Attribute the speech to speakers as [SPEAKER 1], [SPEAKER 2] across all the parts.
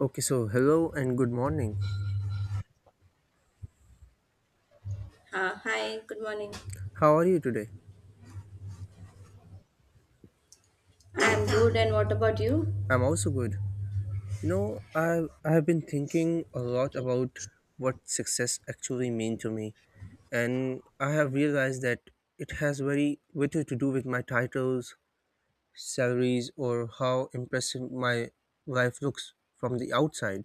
[SPEAKER 1] Okay, so hello and good morning.
[SPEAKER 2] Hi, good morning.
[SPEAKER 1] How are you today?
[SPEAKER 2] I'm good, and what about you?
[SPEAKER 1] I'm also good. You know, I I have been thinking a lot about what success actually means to me, and I have realized that it has very little to do with my titles, salaries, or how impressive my life looks from the outside,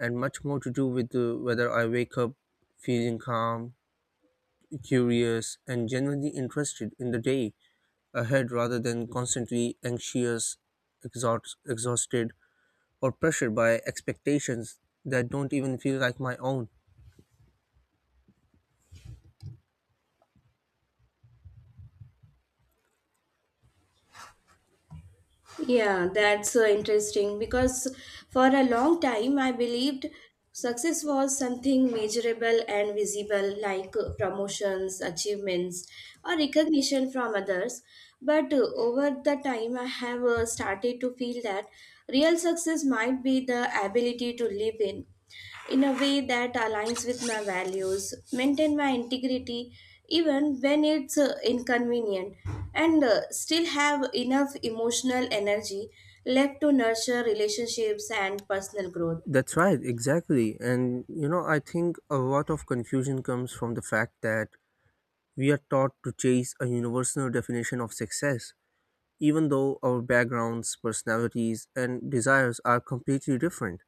[SPEAKER 1] and much more to do with whether I wake up feeling calm, curious, and genuinely interested in the day ahead rather than constantly anxious, exhausted, or pressured by expectations that don't even feel like my own.
[SPEAKER 2] Yeah, that's interesting because for a long time I believed success was something measurable and visible, like promotions, achievements, or recognition from others. But over the time, I have started to feel that real success might be the ability to live in a way that aligns with my values, maintain my integrity even when it's inconvenient, and still have enough emotional energy left to nurture relationships and personal growth.
[SPEAKER 1] That's right, exactly. And I think a lot of confusion comes from the fact that we are taught to chase a universal definition of success, even though our backgrounds, personalities, and desires are completely different.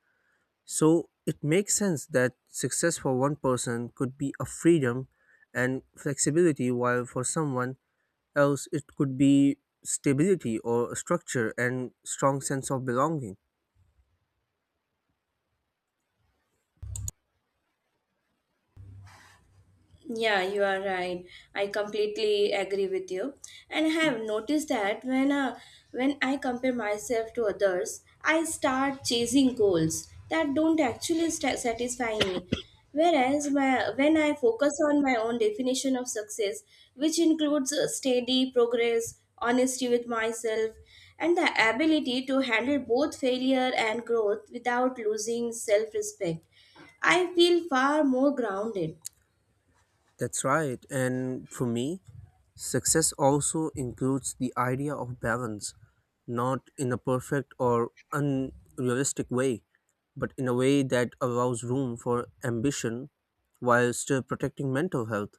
[SPEAKER 1] So it makes sense that success for one person could be a freedom and flexibility, while for someone else it could be stability or structure and strong sense of belonging.
[SPEAKER 2] Yeah, you are right. I completely agree with you. And I have noticed that when I compare myself to others, I start chasing goals that don't actually sta satisfy me. Whereas my, when I focus on my own definition of success, which includes steady progress, honesty with myself, and the ability to handle both failure and growth without losing self-respect, I feel far more grounded.
[SPEAKER 1] That's right, and for me success also includes the idea of balance, not in a perfect or unrealistic way, but in a way that allows room for ambition while still protecting mental health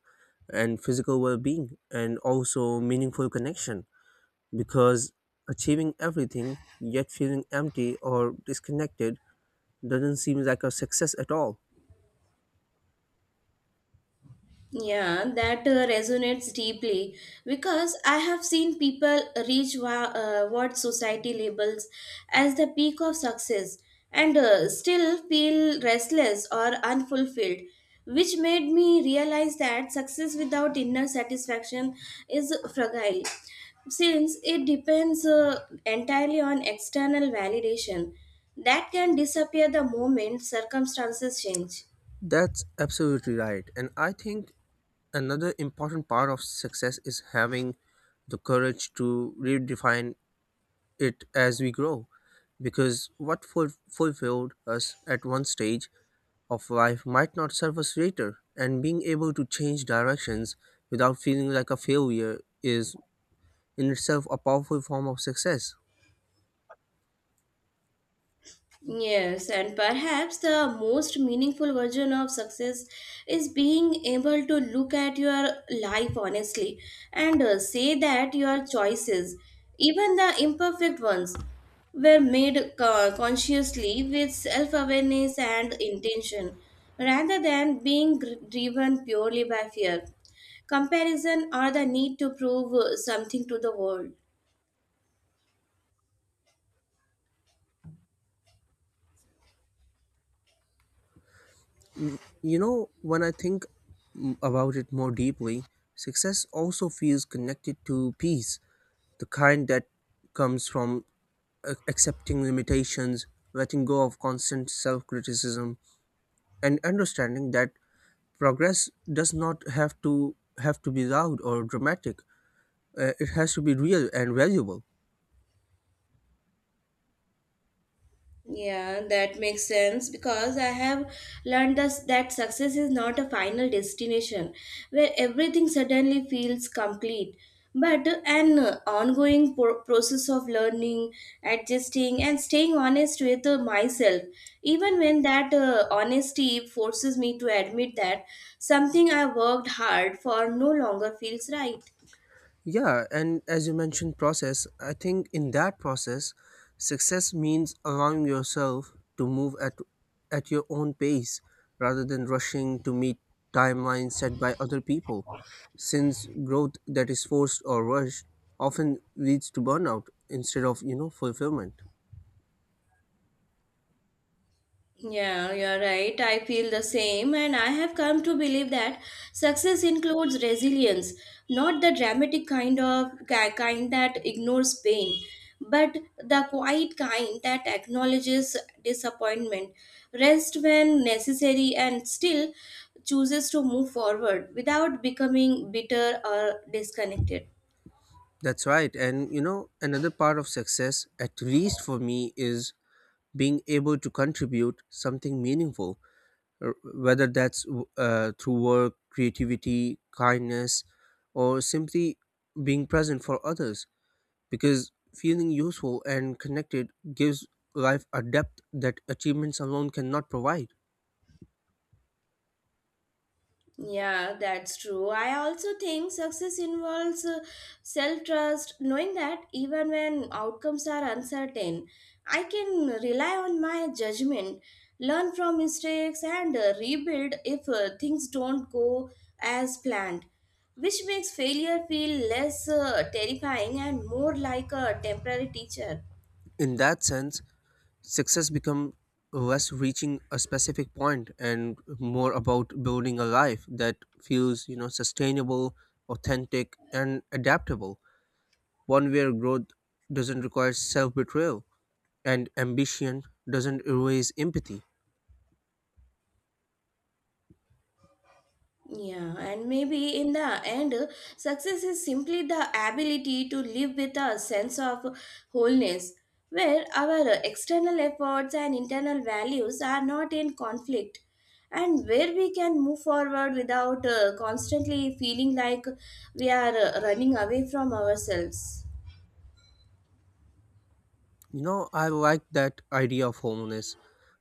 [SPEAKER 1] and physical well-being and also meaningful connection, because achieving everything yet feeling empty or disconnected doesn't seem like a success at all.
[SPEAKER 2] Yeah, that resonates deeply because I have seen people reach what society labels as the peak of success and still feel restless or unfulfilled, which made me realize that success without inner satisfaction is fragile since it depends entirely on external validation that can disappear the moment circumstances change.
[SPEAKER 1] That's absolutely right. And I think another important part of success is having the courage to redefine it as we grow. Because what fulfilled us at one stage of life might not serve us later, and being able to change directions without feeling like a failure is in itself a powerful form of success.
[SPEAKER 2] Yes, and perhaps the most meaningful version of success is being able to look at your life honestly and say that your choices, even the imperfect ones, were made consciously with self awareness and intention rather than being driven purely by fear, comparison, or the need to prove something to the world.
[SPEAKER 1] You know, when I think about it more deeply, success also feels connected to peace, the kind that comes from accepting limitations, letting go of constant self criticism, and understanding that progress does not have to be loud or dramatic. It has to be real and valuable.
[SPEAKER 2] Yeah, that makes sense because I have learned thus that success is not a final destination where everything suddenly feels complete, but an ongoing process of learning, adjusting, and staying honest with myself. Even when that honesty forces me to admit that something I worked hard for no longer feels right.
[SPEAKER 1] Yeah, and as you mentioned, process, I think in that process, success means allowing yourself to move at your own pace rather than rushing to meet timelines set by other people. Since growth that is forced or rushed often leads to burnout instead of, you know, fulfillment.
[SPEAKER 2] Yeah, you're right. I feel the same, and I have come to believe that success includes resilience, not the dramatic kind that ignores pain, but the quiet kind that acknowledges disappointment, rest when necessary, and still chooses to move forward without becoming bitter or disconnected.
[SPEAKER 1] That's right. And, you know, another part of success, at least for me, is being able to contribute something meaningful, r- whether that's through work, creativity, kindness, or simply being present for others. Because feeling useful and connected gives life a depth that achievements alone cannot provide.
[SPEAKER 2] Yeah, that's true. I also think success involves self trust, knowing that even when outcomes are uncertain, I can rely on my judgment, learn from mistakes, and rebuild if things don't go as planned, which makes failure feel less terrifying and more like a temporary teacher.
[SPEAKER 1] In that sense, success becomes less reaching a specific point and more about building a life that feels, you know, sustainable, authentic, and adaptable. One where growth doesn't require self betrayal, and ambition doesn't erase empathy.
[SPEAKER 2] Yeah, and maybe in the end, success is simply the ability to live with a sense of wholeness, where our external efforts and internal values are not in conflict, and where we can move forward without constantly feeling like we are running away from ourselves.
[SPEAKER 1] You know, I like that idea of homeless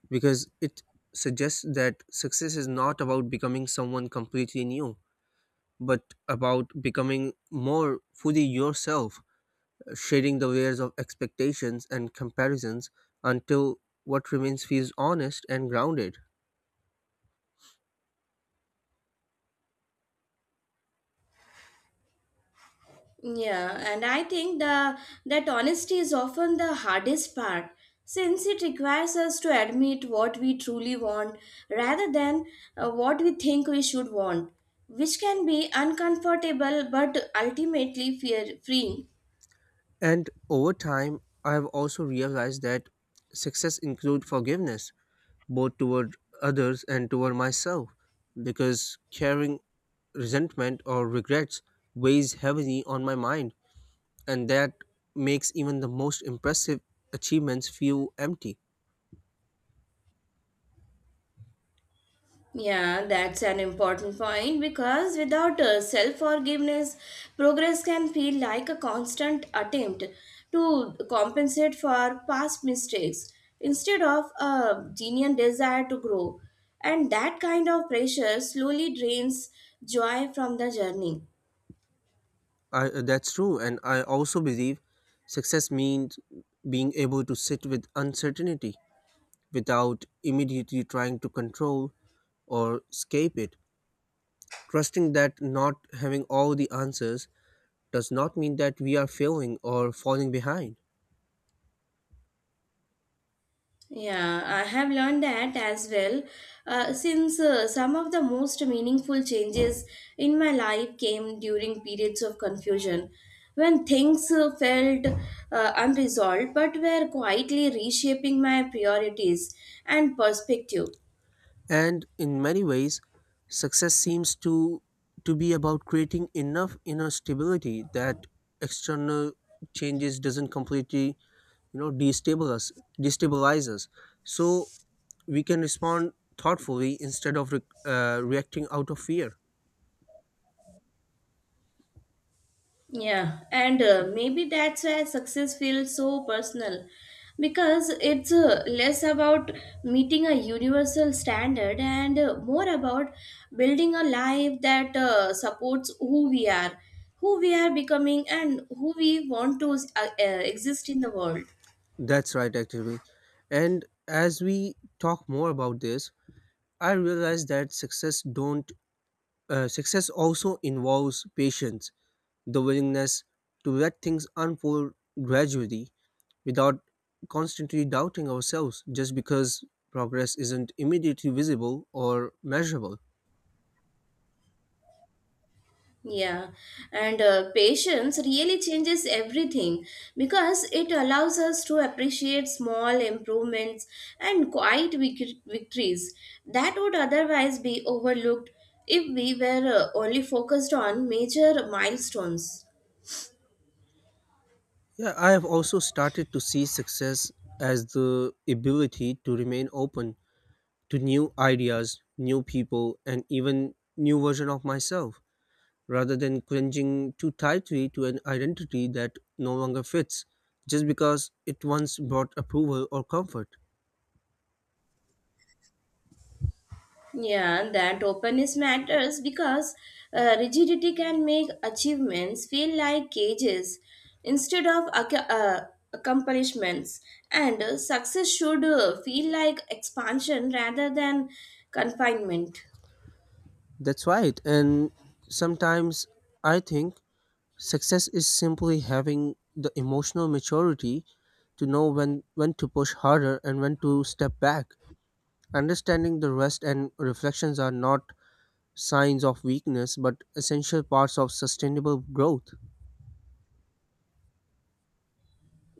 [SPEAKER 1] because it suggests that success is not about becoming someone completely new, but about becoming more fully yourself, shedding the layers of expectations and comparisons until what remains feels honest and grounded.
[SPEAKER 2] Yeah, and I think the that honesty is often the hardest part since it requires us to admit what we truly want rather than what we think we should want, which can be uncomfortable but ultimately fear freeing.
[SPEAKER 1] And over time, I have also realized that success includes forgiveness, both toward others and toward myself, because carrying resentment or regrets weighs heavily on my mind, and that makes even the most impressive achievements feel empty.
[SPEAKER 2] Yeah, that's an important point because without self forgiveness, progress can feel like a constant attempt to compensate for past mistakes instead of a genuine desire to grow. And that kind of pressure slowly drains joy from the journey.
[SPEAKER 1] That's true, and I also believe success means being able to sit with uncertainty without immediately trying to control or escape it. Trusting that not having all the answers does not mean that we are failing or falling behind.
[SPEAKER 2] Yeah, I have learned that as well. Since some of the most meaningful changes in my life came during periods of confusion, when things felt unresolved but were quietly reshaping my priorities and perspective.
[SPEAKER 1] And in many ways success seems to be about creating enough inner stability that external changes doesn't completely, you know, destabilize us, so we can respond thoughtfully instead of reacting out of fear.
[SPEAKER 2] Yeah, and maybe that's why success feels so personal because it's less about meeting a universal standard and more about building a life that supports who we are becoming, and who we want to exist in the world.
[SPEAKER 1] That's right, actually. And as we talk more about this, I realize that success don't success also involves patience, the willingness to let things unfold gradually without constantly doubting ourselves just because progress isn't immediately visible or measurable.
[SPEAKER 2] Yeah, and patience really changes everything because it allows us to appreciate small improvements and quiet victories that would otherwise be overlooked if we were only focused on major milestones.
[SPEAKER 1] Yeah, I have also started to see success as the ability to remain open to new ideas, new people, and even new version of myself rather than clinging too tightly to an identity that no longer fits just because it once brought approval or comfort.
[SPEAKER 2] Yeah, that openness matters because rigidity can make achievements feel like cages instead of accomplishments, and success should feel like expansion rather than confinement.
[SPEAKER 1] That's right. And sometimes I think success is simply having the emotional maturity to know when to push harder and when to step back. Understanding the rest and reflections are not signs of weakness but essential parts of sustainable growth.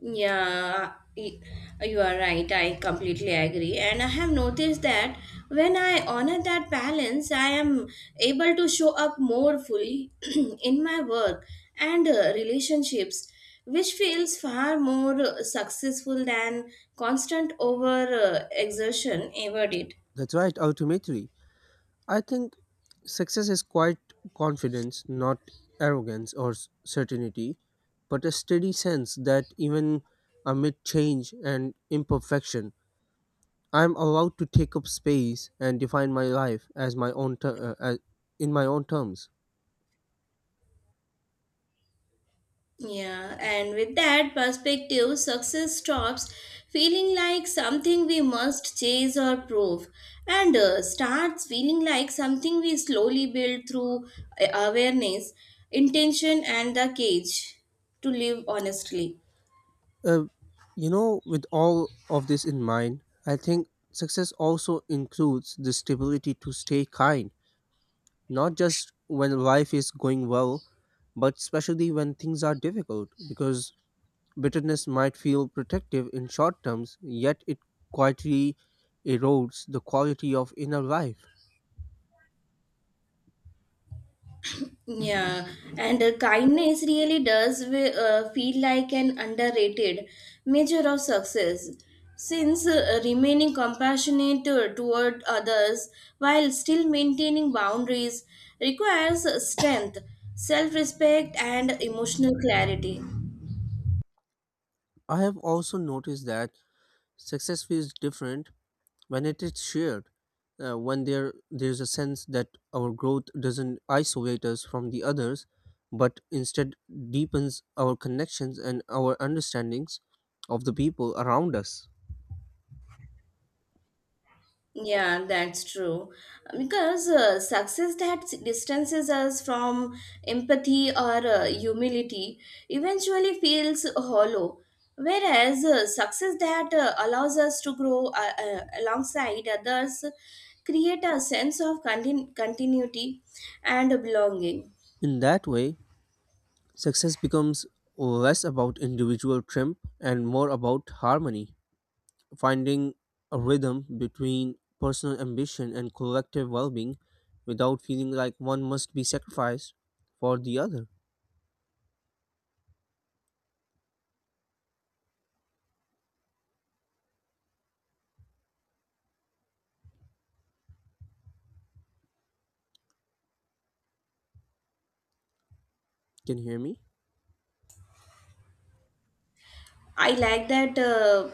[SPEAKER 2] Yeah, you are right. I completely agree. And I have noticed that when I honor that balance, I am able to show up more fully in my work and relationships, which feels far more successful than constant over exertion ever did.
[SPEAKER 1] That's right, ultimately. I think success is quite confidence, not arrogance or certainty, but a steady sense that even amid change and imperfection, I'm allowed to take up space and define my life as in my own terms.
[SPEAKER 2] Yeah, and with that perspective, success stops feeling like something we must chase or prove and starts feeling like something we slowly build through awareness, intention, and the cage to live honestly.
[SPEAKER 1] Uh, you know, with all of this in mind, I think success also includes the stability to stay kind, not just when life is going well, but especially when things are difficult, because bitterness might feel protective in short terms, yet it quietly erodes the quality of inner life.
[SPEAKER 2] Yeah, and kindness really does feel like an underrated measure of success. Since remaining compassionate toward others while still maintaining boundaries requires strength, self respect, and emotional clarity.
[SPEAKER 1] I have also noticed that success feels different when it is shared, when there's a sense that our growth doesn't isolate us from the others, but instead deepens our connections and our understandings of the people around us.
[SPEAKER 2] Yeah, that's true. Because success that distances us from empathy or humility eventually feels hollow. Whereas success that allows us to grow alongside others create a sense of continuity and belonging.
[SPEAKER 1] In that way, success becomes less about individual triumph and more about harmony, finding a rhythm between personal ambition and collective well being without feeling like one must be sacrificed for the other. Can you hear me?
[SPEAKER 2] I like that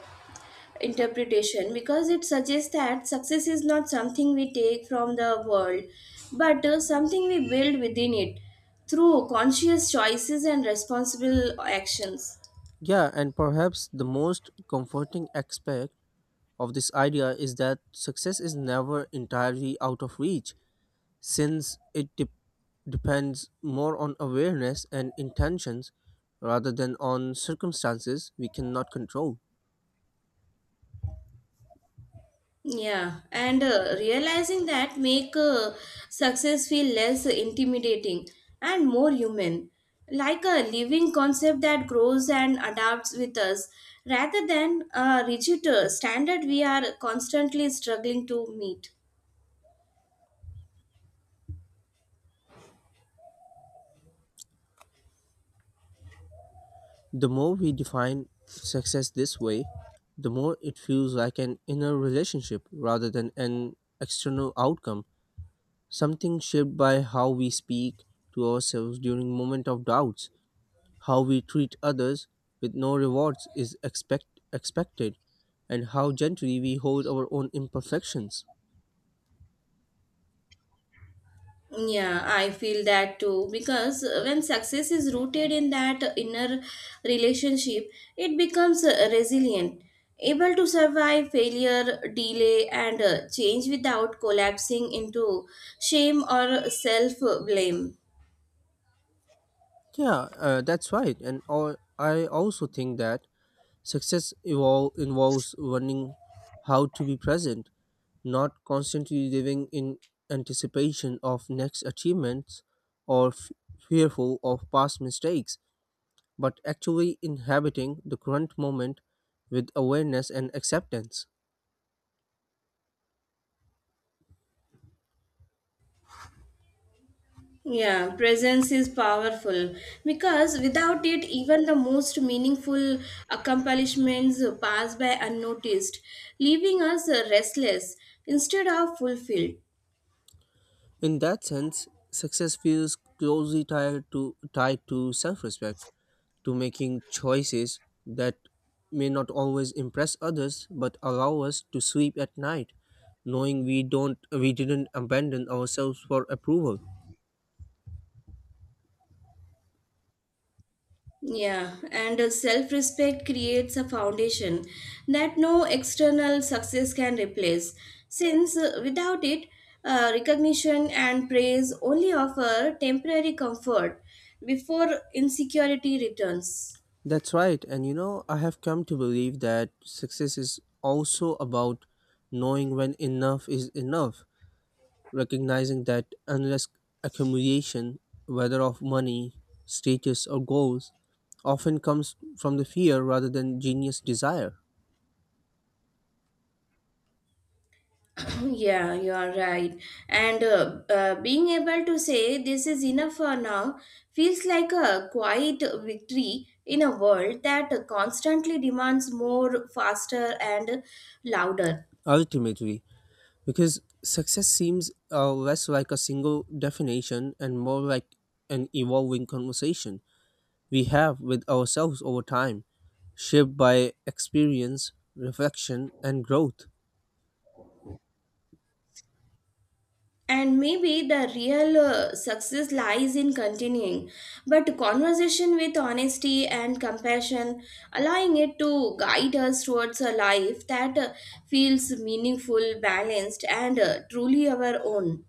[SPEAKER 2] interpretation because it suggests that success is not something we take from the world but something we build within it through conscious choices and responsible actions.
[SPEAKER 1] Yeah, and perhaps the most comforting aspect of this idea is that success is never entirely out of reach, since it depends more on awareness and intentions rather than on circumstances we cannot control.
[SPEAKER 2] Yeah, and realizing that make success feel less intimidating and more human, like a living concept that grows and adapts with us rather than a rigid standard we are constantly struggling to meet.
[SPEAKER 1] The more we define success this way, the more it feels like an inner relationship rather than an external outcome, something shaped by how we speak to ourselves during moment of doubts, how we treat others with no rewards is expected, and how gently we hold our own imperfections.
[SPEAKER 2] Yeah, I feel that too because when success is rooted in that inner relationship, it becomes resilient, able to survive failure, delay, and change without collapsing into shame or self blame.
[SPEAKER 1] Yeah, that's right. And all, I also think that success involves learning how to be present, not constantly living in anticipation of next achievements or fearful of past mistakes, but actually inhabiting the current moment with awareness and acceptance.
[SPEAKER 2] Yeah, presence is powerful because without it, even the most meaningful accomplishments pass by unnoticed, leaving us restless instead of fulfilled.
[SPEAKER 1] In that sense, success feels closely tied to self respect, to making choices that may not always impress others but allow us to sleep at night knowing we didn't abandon ourselves for approval.
[SPEAKER 2] Yeah, and self respect creates a foundation that no external success can replace, since without it, recognition and praise only offer temporary comfort before insecurity returns.
[SPEAKER 1] That's right, and you know, I have come to believe that success is also about knowing when enough is enough, recognizing that endless accumulation, whether of money, status, or goals, often comes from the fear rather than genius desire.
[SPEAKER 2] Yeah, you are right. And being able to say this is enough for now feels like a quiet victory in a world that constantly demands more, faster, and louder.
[SPEAKER 1] Ultimately, because success seems less like a single definition and more like an evolving conversation we have with ourselves over time, shaped by experience, reflection, and growth.
[SPEAKER 2] And maybe the real success lies in continuing but conversation with honesty and compassion, allowing it to guide us towards a life that feels meaningful, balanced, and truly our own.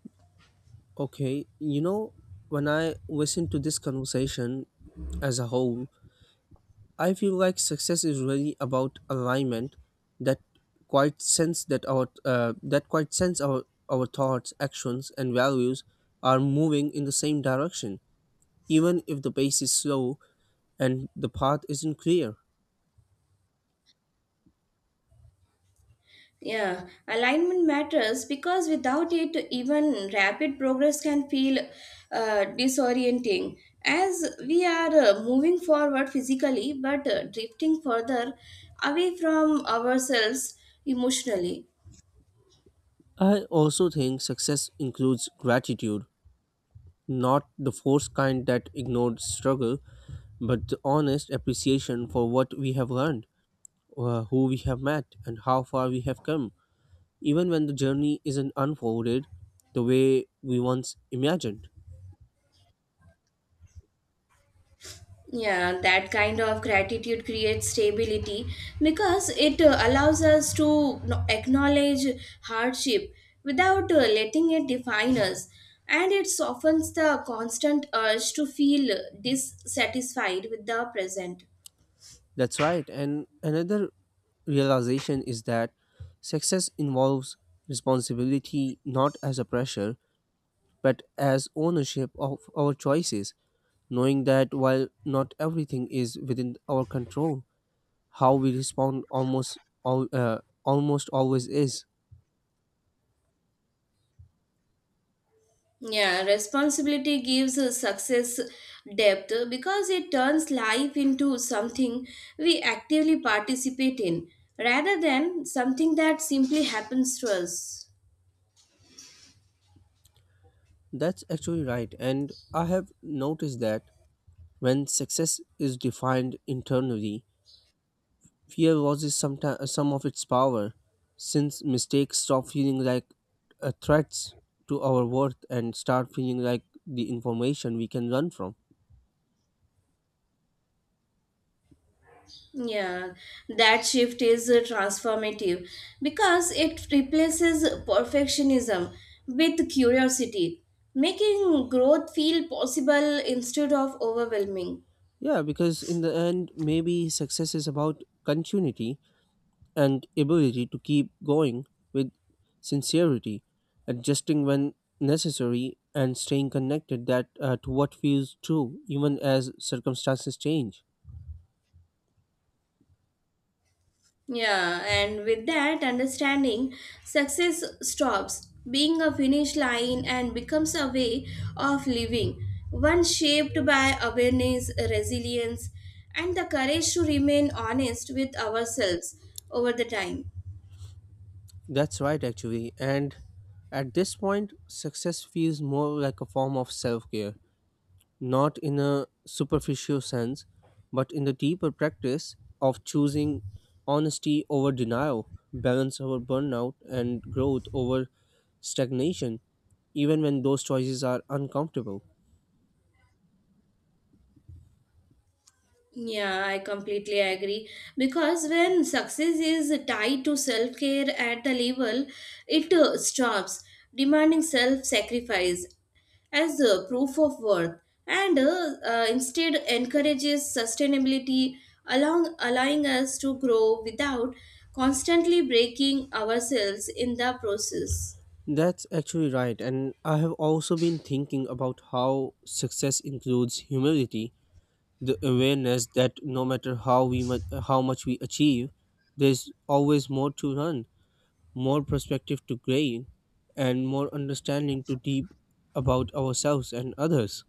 [SPEAKER 1] Okay, you know, when I listen to this conversation as a whole, I feel like success is really about alignment, that quite sense that our that quite sense our thoughts, actions, and values are moving in the same direction even if the pace is slow and the path isn't clear.
[SPEAKER 2] Yeah, alignment matters because without it, even rapid progress can feel disorienting. As we are moving forward physically but drifting further away from ourselves emotionally.
[SPEAKER 1] I also think success includes gratitude, not the forced kind that ignored struggle, but the honest appreciation for what we have learned, who we have met, and how far we have come, even when the journey isn't unfolded the way we once imagined.
[SPEAKER 2] Yeah, that kind of gratitude creates stability because it allows us to acknowledge hardship without letting it define us, and it softens the constant urge to feel dissatisfied with the present.
[SPEAKER 1] That's right, and another realization is that success involves responsibility, not as a pressure but as ownership of our choices, knowing that while not everything is within our control, how we respond almost always is.
[SPEAKER 2] Yeah, responsibility gives success depth because it turns life into something we actively participate in rather than something that simply happens to us.
[SPEAKER 1] That's actually right, and I have noticed that when success is defined internally, fear loses some of its power, since mistakes stop feeling like threats to our worth and start feeling like the information we can learn from.
[SPEAKER 2] Yeah, that shift is transformative because it replaces perfectionism with curiosity, making growth feel possible instead of overwhelming.
[SPEAKER 1] Yeah, because in the end, maybe success is about continuity and ability to keep going with sincerity, adjusting when necessary, and staying connected that to what feels true, even as circumstances change.
[SPEAKER 2] Yeah, and with that understanding, success stops being a finish line and becomes a way of living, one shaped by awareness, resilience, and the courage to remain honest with ourselves over the time.
[SPEAKER 1] That's right, actually. And at this point, success feels more like a form of self care, not in a superficial sense, but in the deeper practice of choosing honesty over denial, balance over burnout, and growth over stagnation, even when those choices are uncomfortable.
[SPEAKER 2] Yeah, I completely agree. Because when success is tied to self care at the level, it stops demanding self sacrifice as a proof of worth and instead encourages sustainability, along, allowing us to grow without constantly breaking ourselves in the process.
[SPEAKER 1] That's actually right, and I have also been thinking about how success includes humility, the awareness that no matter how much we achieve, there's always more to learn, more perspective to gray, and more understanding to deep about ourselves and others.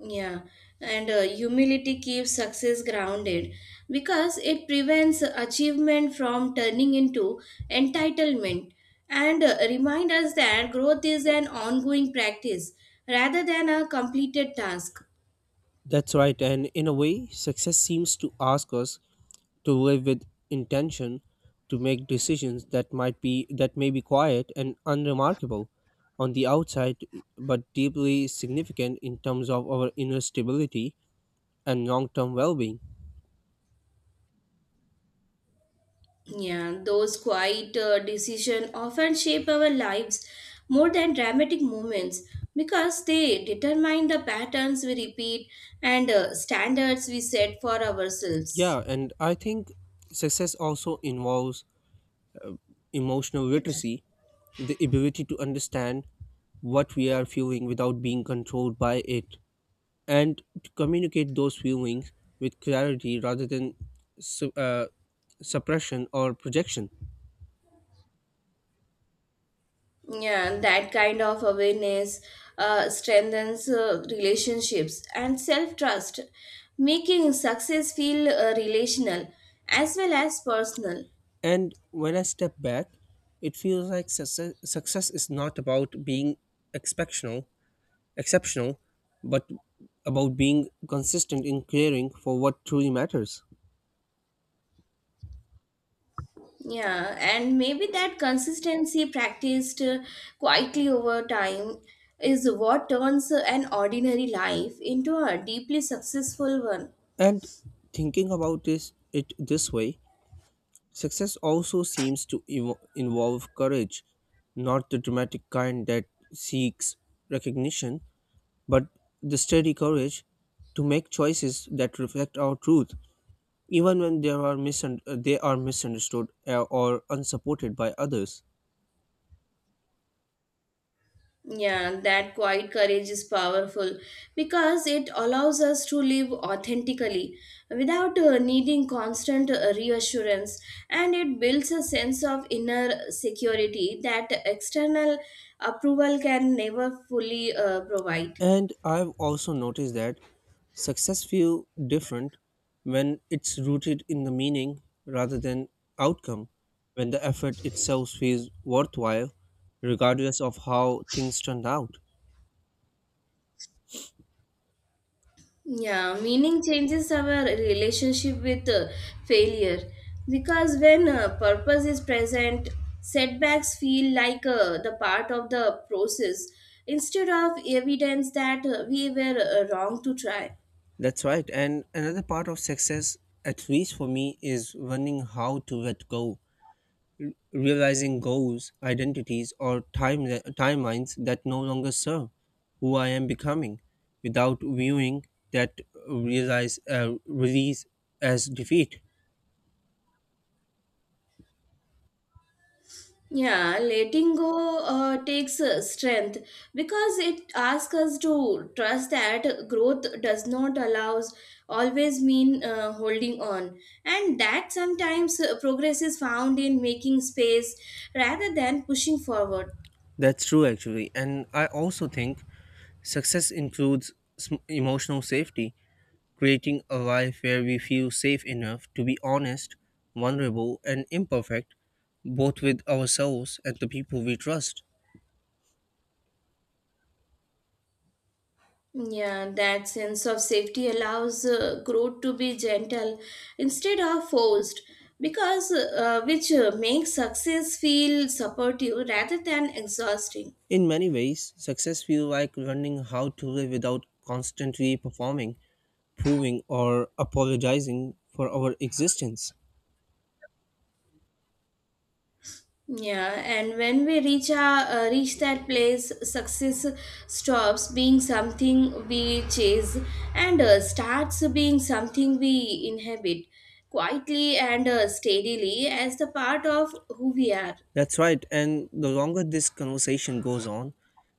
[SPEAKER 2] Yeah, and humility keeps success grounded because it prevents achievement from turning into entitlement and remind us that growth is an ongoing practice rather than a completed task.
[SPEAKER 1] That's right, and in a way, success seems to ask us to live with intention, to make decisions that might be that may be quiet and unremarkable on the outside, but deeply significant in terms of our inner stability and long-term well-being.
[SPEAKER 2] Yeah, those quiet decisions often shape our lives more than dramatic moments because they determine the patterns we repeat and standards we set for ourselves.
[SPEAKER 1] Yeah, and I think success also involves emotional literacy, the ability to understand what we are feeling without being controlled by it, and to communicate those feelings with clarity rather than su- uh, suppression or projection.
[SPEAKER 2] Yeah, and that kind of awareness strengthens relationships and self trust, making success feel relational as well as personal.
[SPEAKER 1] And when I step back, it feels like success is not about being exceptional exceptional, but about being consistent in caring for what truly matters.
[SPEAKER 2] Yeah, and maybe that consistency, practiced quietly over time, is what turns an ordinary life into a deeply successful one.
[SPEAKER 1] And thinking about this way, success also seems to involve courage, not the dramatic kind that seeks recognition, but the steady courage to make choices that reflect our truth, even when they are misunderstood or unsupported by others.
[SPEAKER 2] Yeah, that quiet courage is powerful because it allows us to live authentically without needing constant reassurance, and it builds a sense of inner security that external approval can never fully provide.
[SPEAKER 1] And I've also noticed that success feels different when it's rooted in the meaning rather than outcome, when the effort itself feels worthwhile, regardless of how things turned out.
[SPEAKER 2] Yeah, meaning changes our relationship with failure because when purpose is present, setbacks feel like the part of the process instead of evidence that we were wrong to try.
[SPEAKER 1] That's right. And another part of success, at least for me, is learning how to let go, realizing goals, identities, or timelines that no longer serve who I am becoming without viewing that realize release as defeat.
[SPEAKER 2] Yeah, letting go takes strength because it asks us to trust that growth does not allows always mean holding on, and that sometimes progress is found in making space rather than pushing forward.
[SPEAKER 1] That's true, actually. And I also think success includes emotional safety, creating a life where we feel safe enough to be honest, vulnerable, and imperfect, both with ourselves and the people we trust.
[SPEAKER 2] Yeah, that sense of safety allows growth to be gentle instead of forced, because which makes success feel supportive rather than exhausting.
[SPEAKER 1] In many ways, success feels like learning how to live without constantly performing, proving, or apologizing for our existence.
[SPEAKER 2] Yeah, and when we reach that place, success stops being something we chase and starts being something we inhabit quietly and steadily as the part of who we are.
[SPEAKER 1] That's right, and the longer this conversation goes on,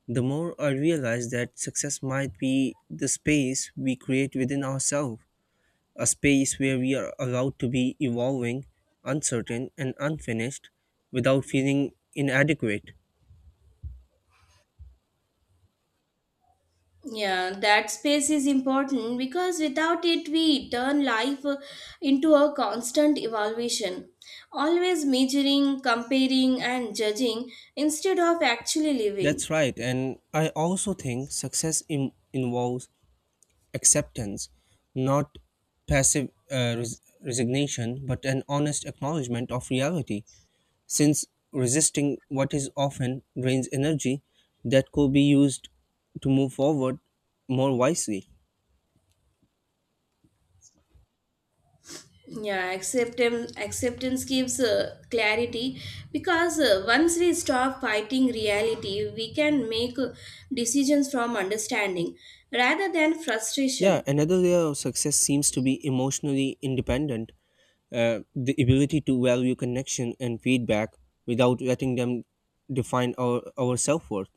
[SPEAKER 1] the more I realize that success might be the space we create within ourselves, a space where we are allowed to be evolving, uncertain, and unfinished without feeling inadequate.
[SPEAKER 2] Yeah, that space is important because without it, we turn life into a constant evaluation, always measuring, comparing, and judging instead of actually living.
[SPEAKER 1] That's right, and I also think success involves acceptance, not passive resignation, but an honest acknowledgement of reality, since resisting what is often drains energy that could be used to move forward more wisely.
[SPEAKER 2] Yeah, acceptance gives clarity because once we stop fighting reality, we can make decisions from understanding rather than
[SPEAKER 1] Yeah,
[SPEAKER 2] frustration.
[SPEAKER 1] another layer of success seems to be emotionally independent, the ability to value connection and feedback without letting them define our self worth.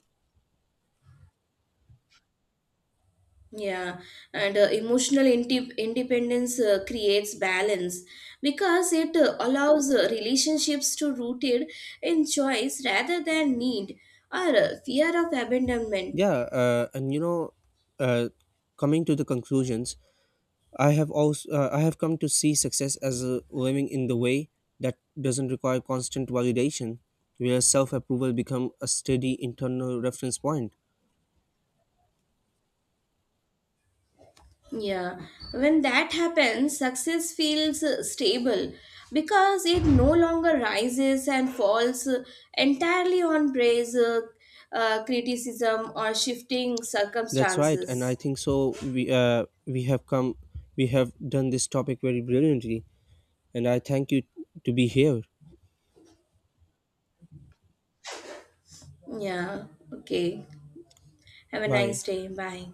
[SPEAKER 2] Yeah, and emotional independence creates balance because it allows relationships to rooted in choice rather than need or fear of abandonment.
[SPEAKER 1] Yeah, and you know, uh, coming to the conclusions, I have come to see success as a living in the way that doesn't require constant validation, where self-approval become a steady internal reference point.
[SPEAKER 2] Yeah, when that happens, success feels stable because it no longer rises and falls entirely on praise, criticism, or shifting
[SPEAKER 1] That's right, and I
[SPEAKER 2] circumstances.
[SPEAKER 1] think so. We have done this topic very brilliantly, and I thank you to be here.
[SPEAKER 2] Yeah, okay. Have a
[SPEAKER 1] Bye.
[SPEAKER 2] nice day. Bye.